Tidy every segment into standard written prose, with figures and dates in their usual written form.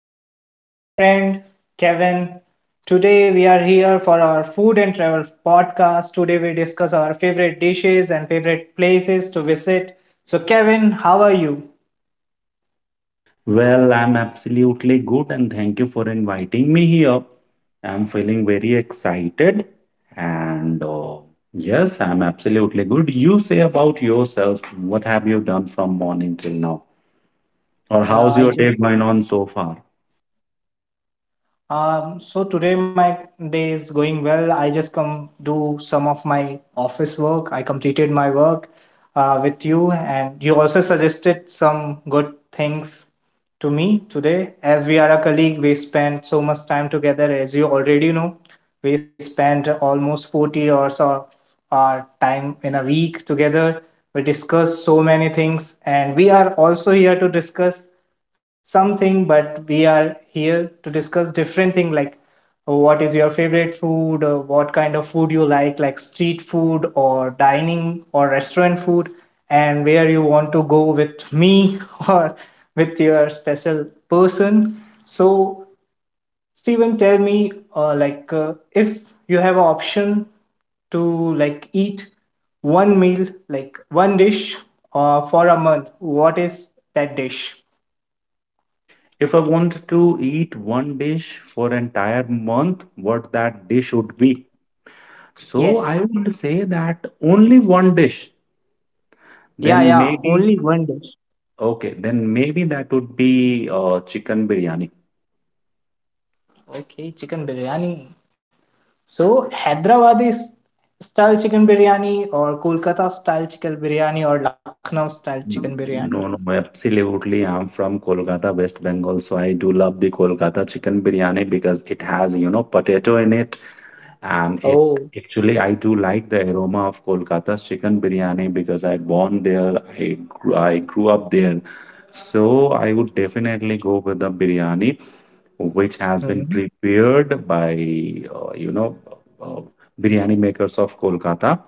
Steven with my friend Kevin. Today, we are here for our food and travel podcast. Today, we discuss our favorite dishes and favorite places to visit. So, Kevin, how are you? Well, I'm absolutely good, and thank you for inviting me here. I'm feeling very excited, and yes, I'm absolutely good. You say about yourself, what have you done from morning till now? Or Uh, how's your I day just going on so far? So today my day is going well. I just come do some of my office work. I completed my work with you, and you also suggested some good things to me today. As we are a colleague, we spend so much time together. As you already know, we spend almost 40 hours of our time in a week together. We discuss so many things, and we are also here to discuss something, but we are here to discuss different thing like what is your favorite food, or what kind of food you like street food or dining or restaurant food, and where you want to go with me or with your special person. So, Steven, tell me, like, if you have an option to like eat one meal, like one dish, for a month, what is that dish? If I wanted to eat one dish for entire month, what that dish would be? So I Yes. would say that only one dish. Yeah, Then yeah, only maybe, one dish. okay, then maybe that would be chicken biryani. Okay, chicken biryani. So, Hyderabadi style chicken biryani or Kolkata style chicken biryani or Lucknow style chicken biryani. No, no, absolutely. I'm from Kolkata, West Bengal, so I do love the Kolkata chicken biryani because it has, potato in it, and it Oh. actually I do like the aroma of Kolkata's chicken biryani because I born there, I grew up there, so I would definitely go with the biryani which has been Hmm. prepared by, uh, you know, uh, biryani makers of Kolkata.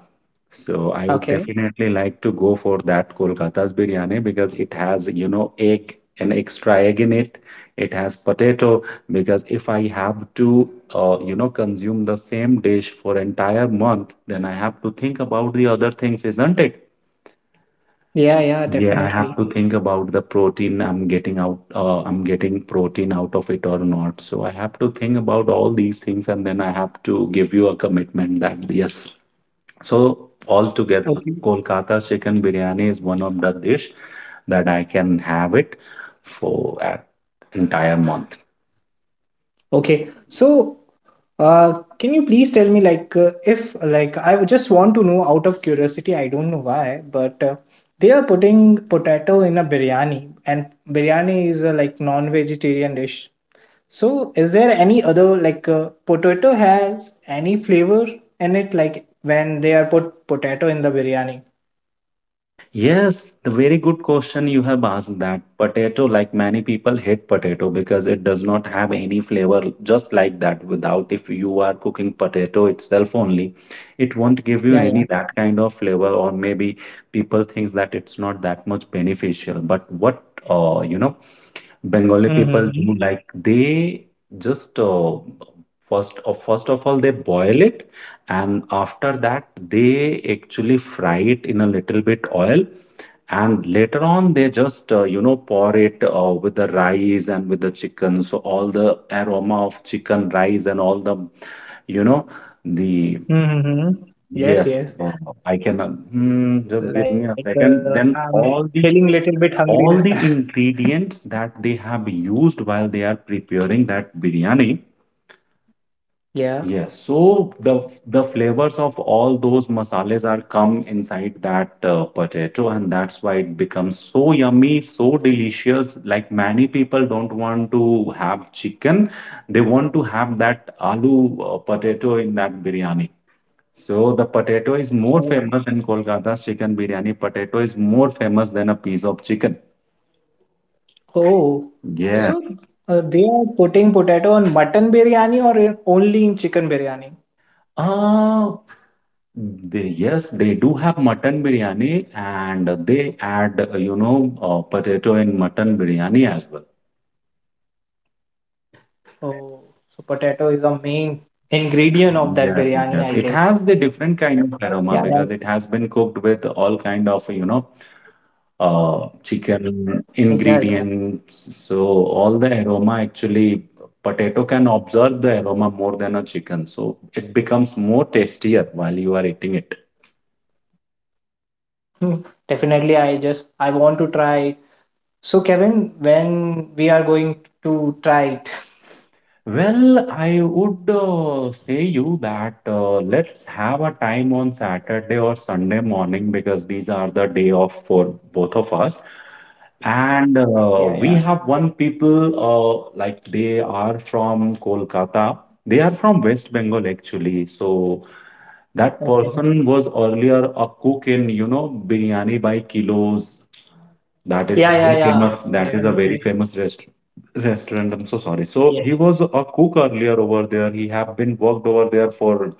So I would Okay. definitely like to go for that Kolkata's biryani because it has, egg, an extra egg in it. It has potato because if I have to, consume the same dish for entire month, then I have to think about the other things, isn't it? Yeah, yeah, Yeah, I definitely. have to think about the protein I'm getting protein out of it or not. So I have to think about all these things, and then I have to give you a commitment that yes, so Okay. altogether, Kolkata chicken biryani is one of the dish that I can have it for an entire month. Okay. So, can you please tell me, like, if, like, I would just want to know out of curiosity, I don't know why, but they are putting potato in a biryani, and biryani is a like non-vegetarian dish. So, is there any other like potato has any flavor in it, like when they are put potato in the biryani? Yes, the very good question you have asked that potato, like many people hate potato because it does not have any flavor just like that. Without if you are cooking potato itself only, it won't give Yeah, you yeah. any that kind of flavor, or maybe people thinks that it's not that much beneficial. But what uh, you know Bengali people Mm-hmm. do, like they just first of all they boil it, and after that they actually fry it in a little bit oil, and later on they just pour it with the rice and with the chicken, so all the aroma of chicken, rice, and all the, you know the Mm-hmm. Yes, yes yes. I can hmm, just give Like me a second, I'm then feeling little bit hungry. All the ingredients that they have used while they are preparing that biryani. Yeah. Yes, so the flavors of all those masales are come inside that potato, and that's why it becomes so yummy, so delicious. Like many people don't want to have chicken, they want to have that aloo potato in that biryani. So the potato is more Uh, famous in Kolkata's chicken biryani. Potato is more famous than a piece of chicken. oh, Yeah. so they are putting potato on mutton biryani or in, only in chicken biryani? Uh, They yes, they do have mutton biryani, and they add, potato in mutton biryani as well. Oh, so potato is the main ingredient of that biryani, I Yes, yes. guess. It has the different kind of Yeah, yeah, aroma because it has been cooked with all kind of, yeah, chicken yeah. ingredients. So all the aroma actually, potato can absorb the aroma more than a chicken. So it becomes more tastier while you are eating it. Hmm, definitely, I want to try. So, Kevin, when we are going to try it? Well, I would say you that let's have a time on Saturday or Sunday morning because these are the day off for both of us. And we Yeah, yeah. have one people like they are from Kolkata. They are from West Bengal actually. So that person Okay. was earlier a cook in, biryani by kilos, that is very Yeah, yeah, famous. yeah. That is a very famous Definitely. Restaurant. I'm so sorry. So he was a Yes. cook earlier over there. He have been worked over there for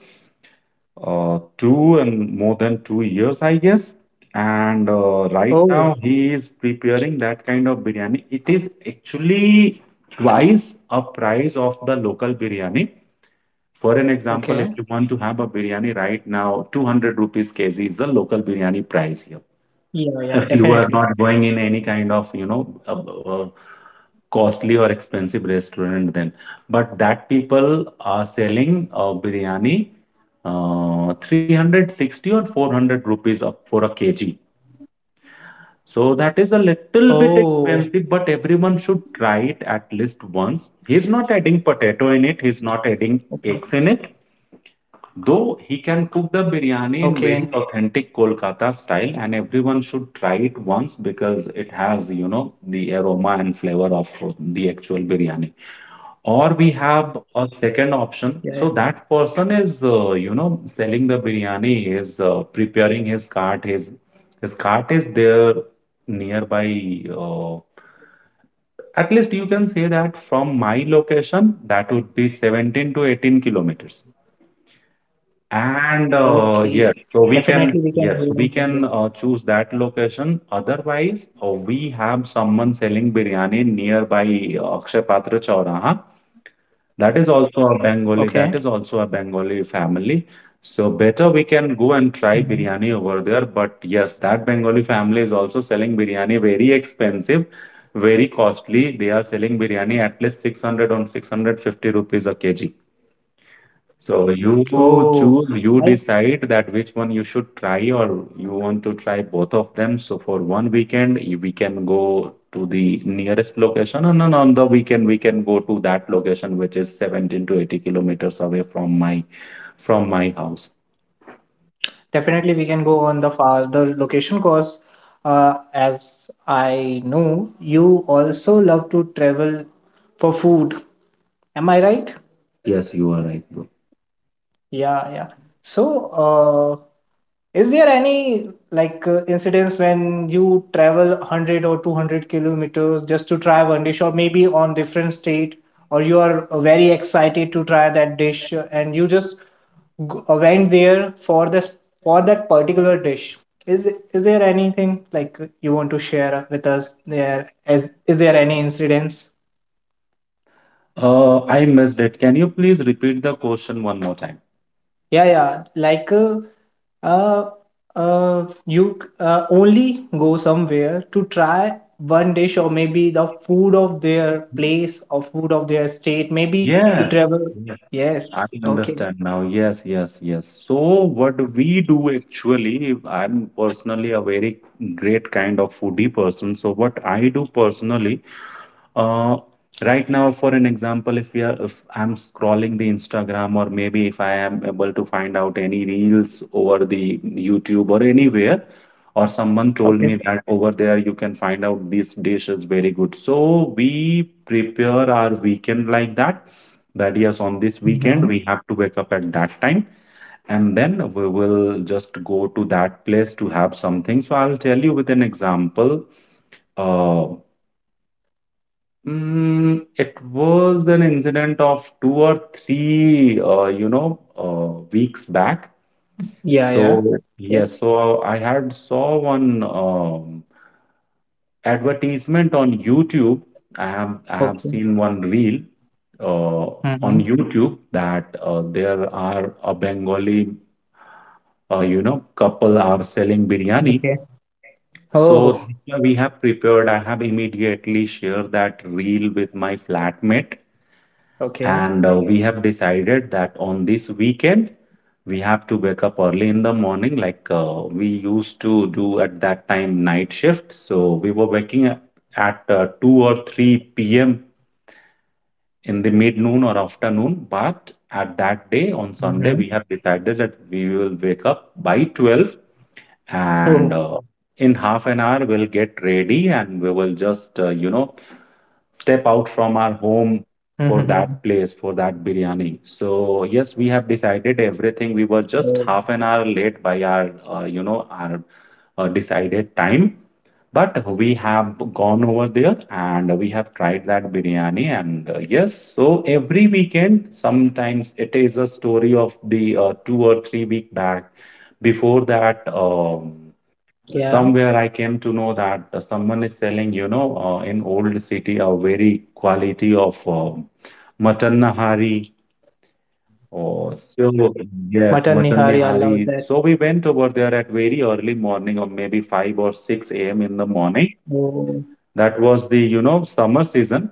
two and more than 2 years, I guess. And right now Oh, he is preparing that kind of biryani. It is actually twice a price of the local biryani. For an example, if you want to okay. have a biryani right now, 200 rupees kg is the local biryani price here if Yeah, you yeah, are not going definitely. in any kind of, a, costly or expensive restaurant, then but that people are selling biryani 360 or 400 rupees up for a kg, so that is a Oh, little bit expensive, but everyone should try it at least once. He's not adding potato in it, he's okay. not adding eggs in it. Though he can cook Okay. the biryani in very authentic Kolkata style, and everyone should try it once because it has, the aroma and flavor of the actual biryani. Or we have a Yeah, yeah. second option. So that person is, selling the biryani, is preparing his cart. His cart is there nearby. At least you can say that from my location, that would be 17 to 18 kilometers. And Okay. Yes, Definitely so we we can go can, on Sunday. yes we can choose that location. Otherwise, we have someone selling biryani nearby Akshay Patra Chowraha. That is also a Okay. Bengali. That is also a Bengali family. So better we can go and try Mhm. biryani over there. But yes, that Bengali family is also selling biryani very expensive, very costly. They are selling biryani at least 600 on 650 rupees a kg. So you Oh, choose, I you decide that which one you should try, or you want to try both of them. So for one weekend, we can go to the nearest location, and then on the weekend we can go to that location, which is 17 to 80 kilometers away from my house. definitely, we can go on the farther location because, as I know, you also love to travel for food. Am I right? Yes, yes, you are right, bro. Yeah, yeah. So, is there any like incidents when you travel 100 or 200 kilometers just to try one dish or maybe on different state or you are very excited to try that dish and you just went there for this for that particular dish? Is there anything like you want to share with us there? Is there any incidents? I missed it. Can you please repeat the question one more time? Yeah, yeah. Like, uh, you only go somewhere to try one dish or maybe the food of their place or food of their state. Maybe you Yes. travel. Yes. I Okay. understand now. Yes, yes, yes. So what we do actually, if I'm personally a very great kind of foodie person. So what I do personally, uh, right now, for an example, if we are, if I'm scrolling the Instagram, or maybe if I am able to find out any reels over the YouTube or anywhere, or someone told me Okay. that over there you can find out this dish is very good. So we prepare our weekend like that. That yes, on this weekend we Hmm. have to wake up at that time, and then we will just go to that place to have something. So I'll tell you with an example. Uh, it was an incident of 2 or 3, weeks back. Yeah, So yeah. yes, Yes. so I had saw one advertisement on YouTube. I have seen Okay. one reel uh, on Hmm. YouTube that there are a Bengali, couple are selling biryani. Okay. So Oh, we have prepared. I have immediately shared that reel with my flatmate. And okay. we have decided that on this weekend, we have to wake up early in the morning, like we used to do at that time night shift. So we were waking up at 2 or 3 p.m. in the midnoon or afternoon. But at that day, on Sunday, we have Hmm. decided that we will wake up by 12, and Oh, in half an hour, we'll get ready, and we will just, step out from our home hmm. for that place, for that biryani. So yes, we have decided Oh, everything. We were just half an hour late by our, decided time. But we have gone over there and we have tried that biryani. And yes, so every weekend, sometimes it is a story of the 2 or 3 week back. Before that, yeah. somewhere I came to know that someone is selling, in old city a very quality of mutton nahari. Oh, so Mutton yes, nihari, I mutton love that. nahari. So we went over there at very early morning, or maybe 5 or 6 a.m. in the morning. Oh, That was the, summer season.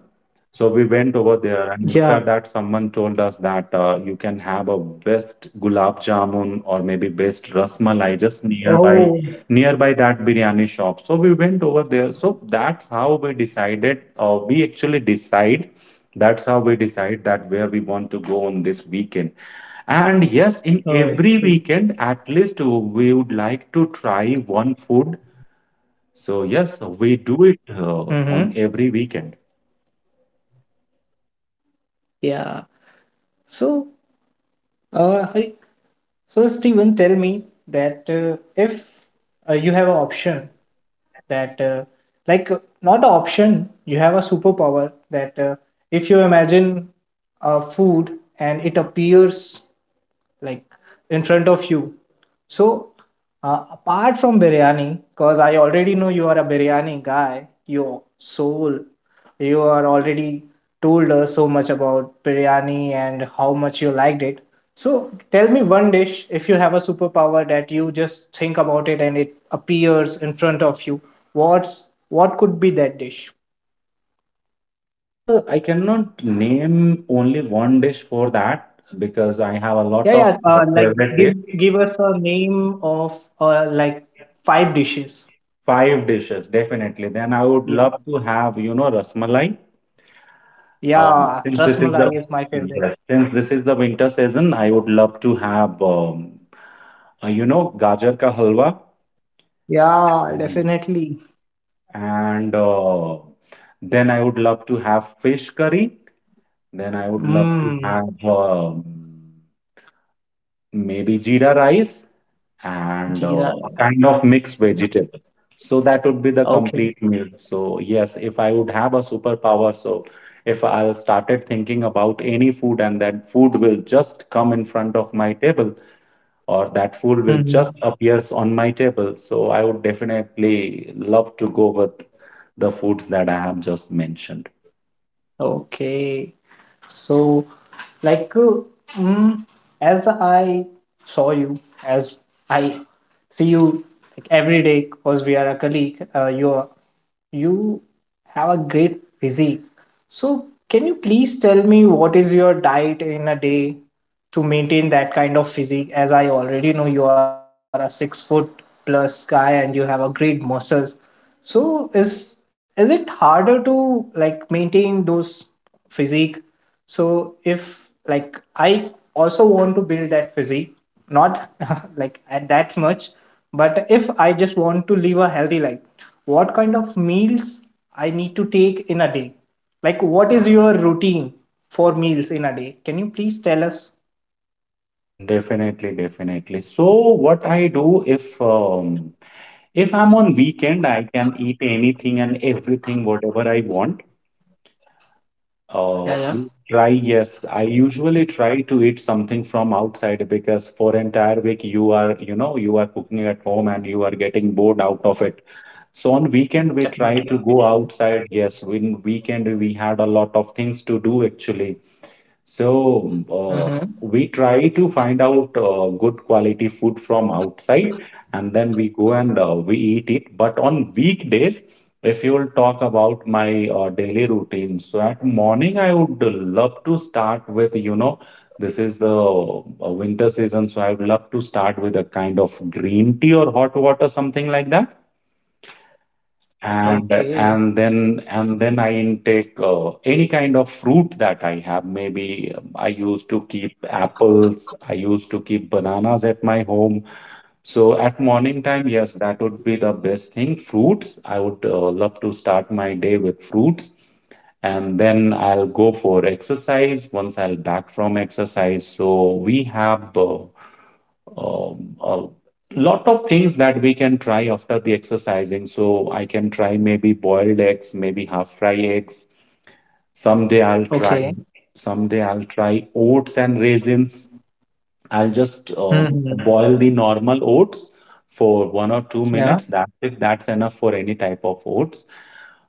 So we went over there, and after yeah. that, someone told us that you can have a best gulab jamun or maybe best rasmalai just nearby, Oh. nearby that biryani shop. So we went over there. So that's how we decided. We actually decide. That's how we decide that where we want to go on this weekend. And yes, in every Oh, weekend, at okay. least we would like to try one food, so yes, we do it Mm-hmm. on every weekend. Yeah. So, uh, Hari- so Steven, tell me that if you have an option that, like, not an option, you have a superpower that if you imagine a food and it appears like in front of you. So, apart from biryani, because I already know you are a biryani guy, your soul, you are already told us so much about biryani and how much you liked it. So, tell me one dish if you have a superpower that you just think about it and it appears in front of you. What could be that dish? Well, I cannot name only one dish for that because I have a Yeah, lot of yeah. Like favorite give dish. give us a name of like five dishes. Five dishes, definitely. Then I would love to have, rasmalai. Yeah, Since this is the rasmalai is my favorite. Yes, since this is the winter season, I would love to have, gajar ka halwa, Yeah, and, definitely. and then I would love to have fish curry. Then I would love to Hmm, have maybe jeera rice and jeera a kind of mixed rasmalai. vegetable. So that would be the Okay. complete meal. So yes, if I would have a superpower, so if I started thinking about any food and that food will just come in front of my table or that food will Hmm. just appears on my table, so I would definitely love to go with the foods that I have just mentioned. Okay. So, like, mm, as I saw you, as I see you like, every day, because we are a colleague, you have a great physique. So, can you please tell me what is your diet in a day to maintain that kind of physique? As I already know you are a 6-foot plus guy and you have a great muscles. So, is it harder to like maintain those physique so if like I also want to build that physique, not like at that much, but if I just want to live a healthy life, what kind of meals I need to take in a day? Like what is your routine for meals in a day? Can you please tell us? Definitely, definitely. So what I do if I'm on weekend, I can eat anything and everything, whatever I want. We Yeah, yeah, try, yes, I usually try to eat something from outside because for entire week you are cooking at home and you are getting bored out of it. So on weekend we try to go definitely. outside. Yes, when weekend we had a lot of things to do actually. So uh, Mm-hmm. we try to find out good quality food from outside, and then we go and we eat it. But on weekdays, if you will talk about my daily routine, so at morning I would love to start with, you know, this is the winter season, so I would love to start with a kind of green tea or hot water, something like that, Okay. and and then I intake any kind of fruit that I have. Maybe I used to keep apples, I used to keep bananas at my home. So at morning time, yes, that would be the best thing. Fruits, I would love to start my day with fruits. And then I'll go for exercise once I'll back from exercise. So we have a lot of things that we can try after the exercising. So I can try maybe boiled eggs, maybe half fry eggs. Someday I'll try, Okay. someday I'll try oats and raisins. I'll just Mm-hmm. boil the normal oats for one or two Yeah. minutes. That's it. That's enough for any type of oats.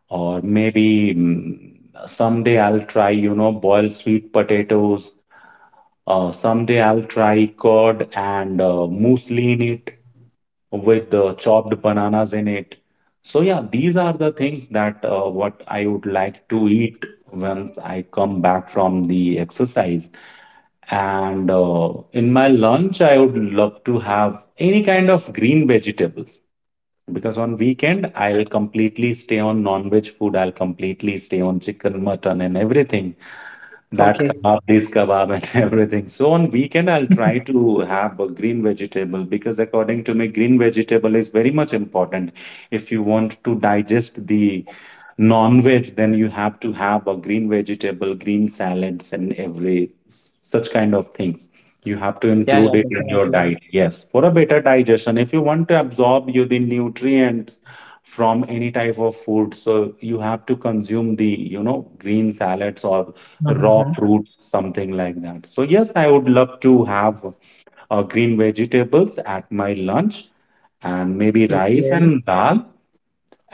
Or maybe someday I'll try, boil sweet potatoes. Someday I'll try curd and muesli in it with the chopped bananas in it. So yeah, these are the things that what I would like to eat once I come back from the exercise. And in my lunch, I would love to have any kind of green vegetables because on weekend I'll completely stay on non-veg food. I'll completely stay on chicken, mutton, and everything, that Okay. kebab, this kebab, and everything. So on weekend, I'll try to have a green vegetable because according to me, green vegetable is very much important. If you want to digest the non-veg, then you have to have a green vegetable, green salads, and every such kind of things. You have to Yeah, yeah, include it in your definitely. diet. Yes, for a better digestion. If you want to absorb you the nutrients from any type of food, so you have to consume the green salads or raw Mm-hmm. fruits, something like that. So, yes, I would love to have green vegetables at my lunch and maybe rice Okay. and dal.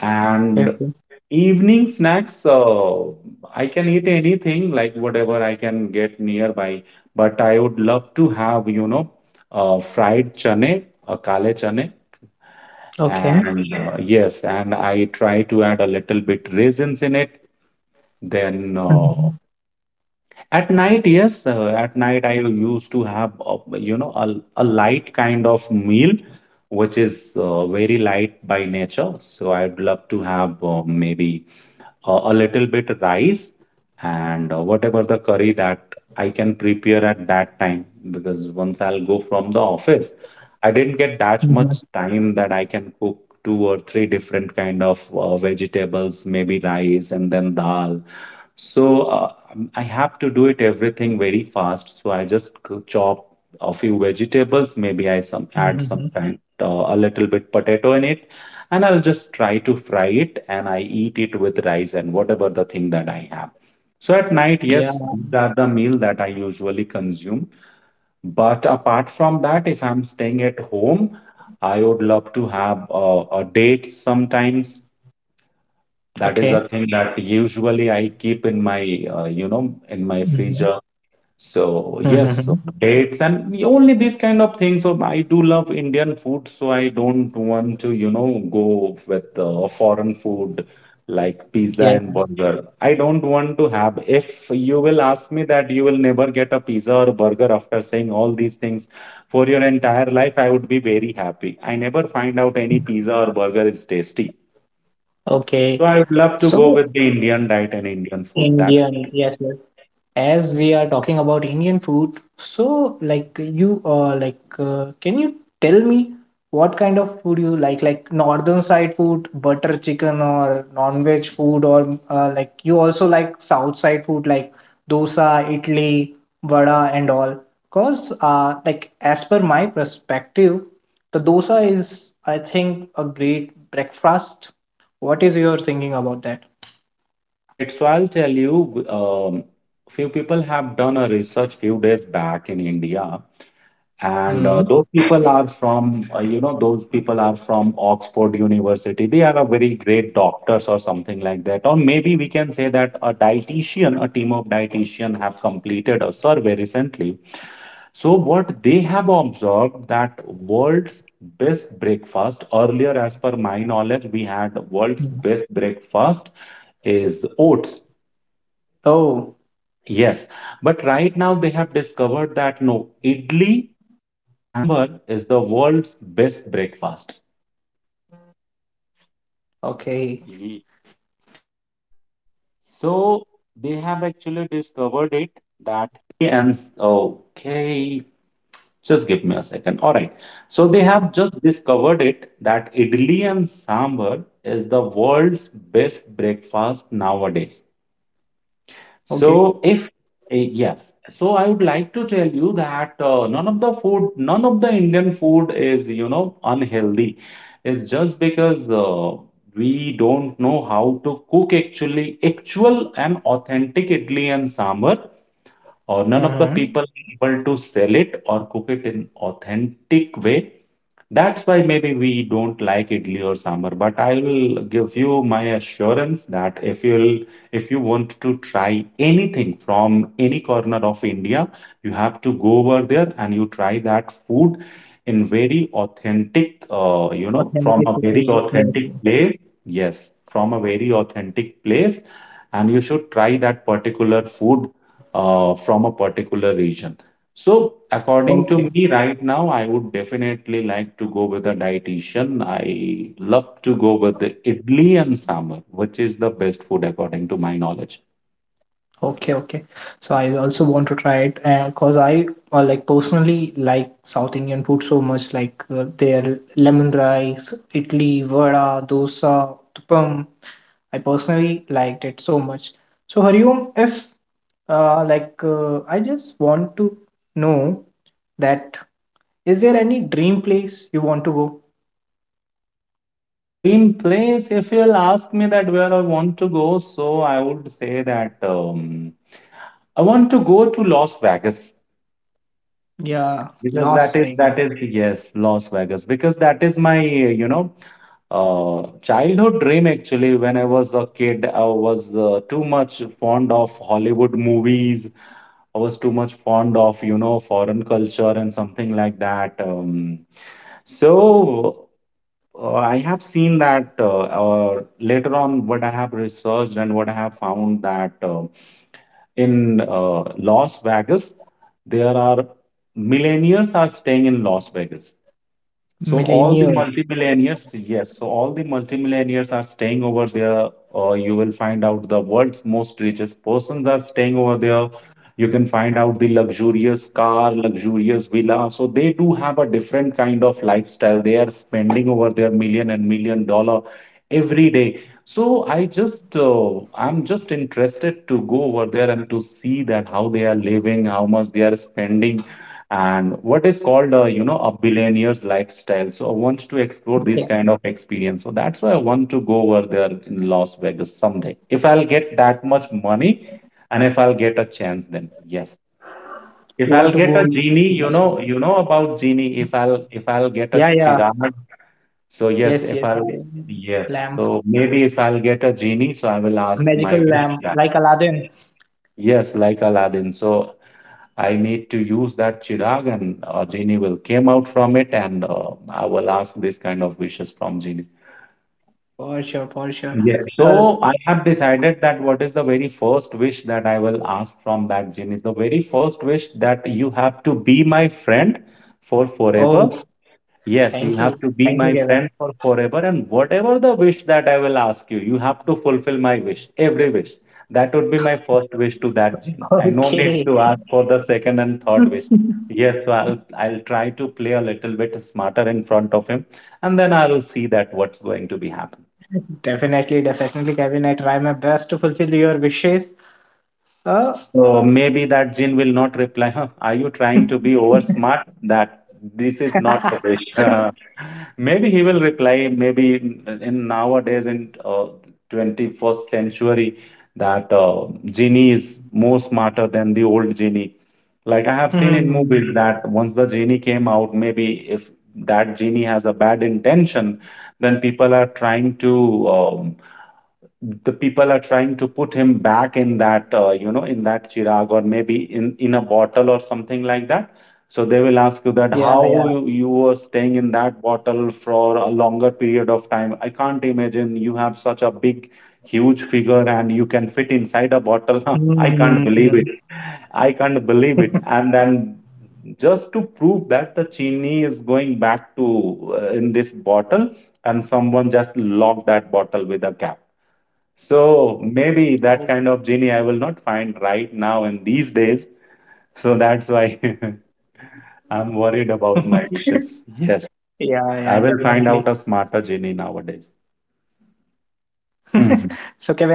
And Okay. evening snacks, I can eat anything like whatever I can get nearby, but I would love to have, fried chane, kale chane. Okay. And yes, and I try to add a little bit raisins in it. Then Mm-hmm. At night, yes, at night I used to have a, you know a light kind of meal, which is very light by nature. So I'd love to have maybe a little bit rice and whatever the curry that I can prepare at that time. Because once I'll go from the office, I didn't get that much time that I can cook two or three different kind of vegetables, maybe rice and then dal, so I have to do it everything very fast. So I just chop a few vegetables. Maybe I some Mhm, add some mhm. kind a little bit potato in it, and I'll just try to fry it, and I eat it with rice and whatever the thing that I have. So at night, Yeah, yes, these are the meal that I usually consume. But apart from that, if I'm staying at home, I would love to have a date sometimes. That is okay. a thing that usually I keep in my Mhm, freezer. mhm, So yes, mhm. so dates and only these kind of things. So I do love Indian food, so I don't want to, go with foreign food like pizza Yes, and burger. I don't want to have. If you will ask me that you will never get a pizza or burger after saying all these things for your entire life, I would be very happy. I never find out any pizza or burger is tasty. okay. So I would love to go So with the Indian diet and Indian food. That's Indian, yes, yes. As we are talking about Indian food, so like you like can you tell me what kind of food you like northern side food, butter chicken or non-veg food, or like you also like south side food like dosa, idli, vada and all. Cause like as per my perspective, the dosa is I think a great breakfast. What is your thinking about that? great. So I'll tell you, few people have done a research few days back in India, and Hmm. those people are from Oxford University. They are a very great doctors or something like that. Or maybe we can say that a dietitian, a team of dietitian have completed a survey recently. So what they have observed that world's best breakfast earlier, as per my knowledge, we had world's Mhm. best breakfast is oats. Oh, Yes, but right now they have discovered that no, idli and sambar is the world's best breakfast. okay. Second. All right. So they have just discovered it that idli and sambar is the world's best breakfast nowadays. Okay. So if yes, so I would like to tell you that none of the food, none of the Indian food is unhealthy. It's just because we don't know how to cook actually actual and authentic idli and sambar, or none of the Mhm. people are able to sell it or cook it in authentic way. That's why maybe we don't like idli or sambar, but I will give you my assurance that if you want to try anything from any corner of India, you have to go over there and you try that food in very authentic, from a very Authenticity. Yes. authentic place. Yes, from a very authentic place, and you should try that particular food from a particular region. So, according to Okay. me, right now, I would definitely like to go with a dietitian. I love to go with the idli and sambar, which is the best food according to my knowledge. Okay. Okay. So I also want to try it because I like personally like South Indian food so much, like their lemon rice, idli, vada, dosa, appam. I personally liked it so much. So Hariom, if like I just want to know that is there any dream place you want to go? Dream place, if you'll ask me that where I want to go, so I would say that I want to go to Las Vegas Yeah, because that Las is that Vegas. is yes, Las Vegas, because that is my childhood dream, actually. When I was a kid, I was too much fond of Hollywood movies. I was too much fond of, foreign culture and something like that. So I have seen that later on, what I have researched and what I have found that in Las Vegas, there are millionaires are staying in Las Vegas. So all the Millionaires. multimillionaires, yes. So all the multimillionaires are staying over there. You will find out the world's most richest persons are staying over there. You can find out the luxurious car, luxurious villa. So they do have a different kind of lifestyle. They are spending over their million and million dollar every day. So I just, I'm just interested to go over there and to see that how they are living, how much they are spending, and what is called a billionaire's lifestyle. So I want to explore Okay. this kind of experience, so that's why I want to go over there in Las Vegas someday, if I'll get that much money, and if I'll get a chance, then yes. If You want I'll to get a go genie, Las Vegas. you know about genie? If I'll get a Yeah, yeah. chirag, so yes, Yes, if yes. I'll, yes, Lamp. so maybe if I'll get a genie, so I will ask my Magical wish lamp. that Like Aladdin. yes, like Aladdin. So I need to use that chirag, and genie will came out from it, and I will ask this kind of wishes from genie. For sure, for sure. Yes. Uh, So I have decided that what is the very first wish that I will ask from that genie. The very first wish that you have to be my friend for forever. oh, Yes, you thank have you. to be Thank you, my Kevin. friend for forever, and whatever the wish that I will ask you, you have to fulfill my wish, every wish. That would be my first wish to that jinn. I no need Okay. to ask for the second and third wish. Yes, so I'll try to play a little bit smarter in front of him, and then I'll see that what's going to be happening. Definitely, definitely, Kevin. I try my best to fulfill your wishes. Uh, And maybe that gin will not reply, huh, are you trying to hmm. be over smart? That this is not a wish. Maybe he will reply, maybe in nowadays in 21st century, that genie is more smarter than the old genie. Like I have seen in movies that once the genie came out, maybe if that genie has a bad intention, then people are trying to the people are trying to put him back in that you know in that chirag or maybe in a bottle or something like that, so they will ask you that Yeah, yeah. how you were staying in that bottle for a longer period of time. I can't imagine you have such a big huge figure and you can fit inside a bottle. I can't believe Hmm. it. I can't believe it and then just to prove that the chini is going back to in this bottle, and someone just locked that bottle with a cap. So maybe Oh. that kind of genie I will not find right now in these days. So that's why I'm worried about my wishes. Yes, Yeah, I yeah, will find out definitely. a smarter genie nowadays. Mhm. So, Kevin,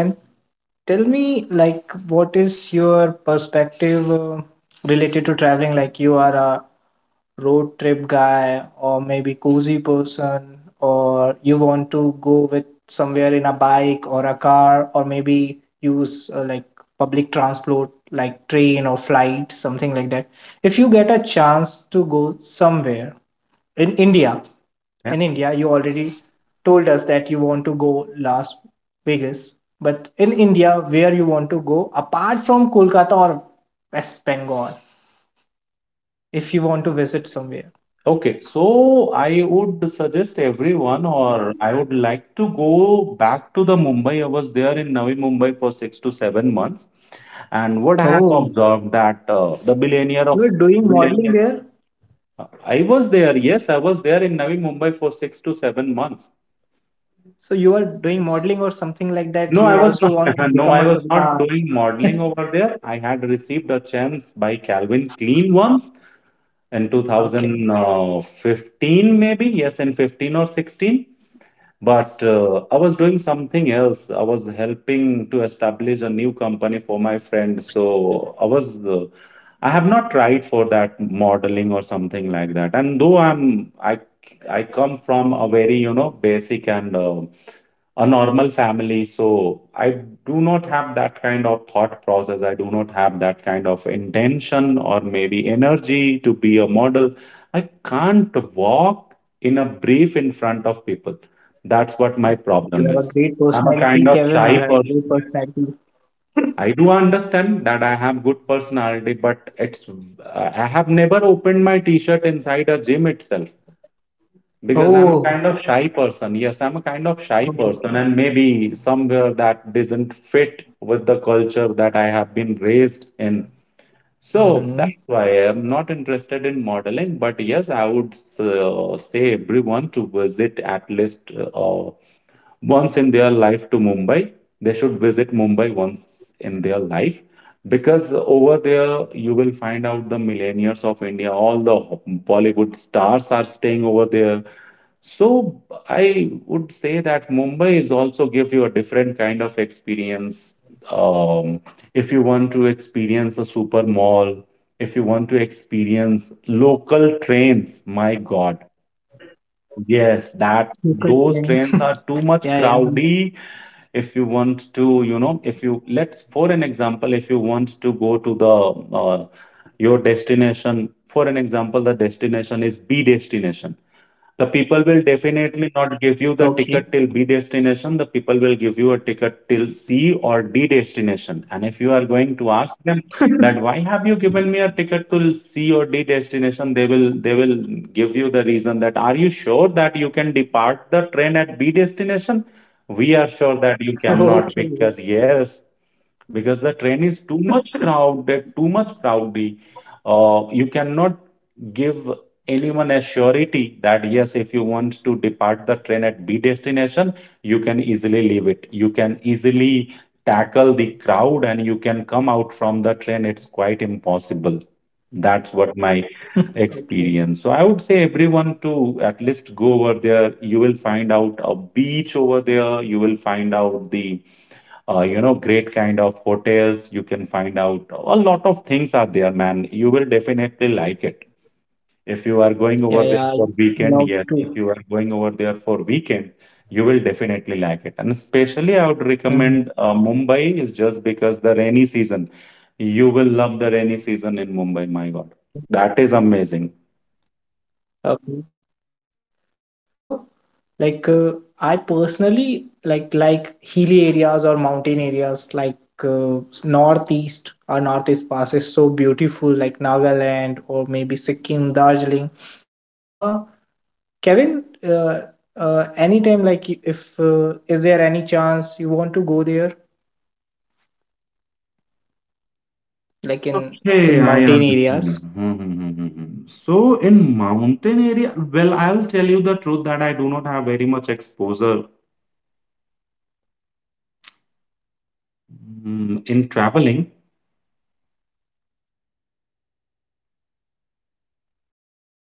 tell me, like, what is your perspective related to traveling? Like, you are a road trip guy, or maybe cozy person, or you want to go with somewhere in a bike or a car, or maybe use like public transport, like train or flight, something like that. If you get a chance to go somewhere, in India, Okay. in India, you already told us that you want to go Las Vegas, but in India, where you want to go apart from Kolkata or West Bengal, if you Okay. want to visit somewhere. Okay. So I would suggest everyone, or I would like to go back to the Mumbai. I was there in Navi Mumbai for 6 to 7 months, and what I have Oh, observed that the billionaire you of are doing modeling billionaire there? I was there. Yes, I was there in Navi Mumbai for 6 to 7 months. So you are doing modeling or something like No, I that. was You also not. want to No, I was become a not star. doing modeling over there. I had received a chance by Calvin Klein once in Okay, 2015, maybe. Yes, in 15 or 16. But I was doing something else. I was helping to establish a new company for my friend. So I have not tried for that modeling or something like that. And though I come from a very, you know, basic and a normal family. So I do not have that kind of thought process. I do not have that kind of intention or maybe energy to be a model. I can't walk in a brief in front of people. That's what my but you have problem a is. great I'm a personality, kind of Kevin. You shy have a great person. personality. I do understand that I have good personality, but it's I have never opened my t-shirt inside a gym itself. Because I'm a Oh, kind of shy person. Yes, I'm a kind of shy okay, person, okay. and maybe somewhere that doesn't fit with the culture that I have been raised in. So Mm-hmm. that's why I'm not interested in modeling. But yes, I would say everyone to visit at least uh, once in their life to Mumbai. They should visit Mumbai once in their life, because over there you will find out the millionaires of India, all the Bollywood stars are staying over there. So I would say that Mumbai is also give you a different kind of experience. Um, if you want to experience a super mall, if you want to experience local trains, my God, Local plan. yes, that Yeah, those yeah. trains are too much crowdy. If you want to, you know, if you, let's for an example, if you want to go to the your destination, for an example the destination is B destination, the people will definitely not give Okay. you the ticket till B destination. The people will give you a ticket till C or D destination. And if you are going to ask them that why have you given me a ticket to C or D destination, they will give you the reason that are you sure that you can depart the train at B destination? We are sure that you cannot, because Okay. yes, because the train is too much crowded, too much crowdy. You cannot give anyone a surety that yes, if you want to depart the train at B destination, you can easily leave it. You can easily tackle the crowd and you can come out from the train. It's quite impossible. That's what my experience. So I Okay. would say everyone to at least go over there. You will find out a beach over there. You will find out the you know, great kind of hotels. You can find out a lot of things are there, man. You will definitely like it. If you are going over there for weekend, Yeah, yes. yeah, I If you are know going over there too. for weekend, you will definitely like it. And especially, I would Mhm. recommend Mumbai is just because the rainy season. You will love the rainy season in Mumbai, my God. Okay. That is amazing. Okay. So, like, I personally like hilly areas or mountain areas, like northeast or northeast pass is so beautiful, like Nagaland or maybe Sikkim, Darjeeling. Uh, Kevin, anytime, like, if is there any chance you want to go there, like in Okay, I in mountain understand now. areas? Hmm, hmm, hmm, hmm, hmm. So in mountain area, well, I'll tell you the truth that I do not have very much exposure, mm, in traveling.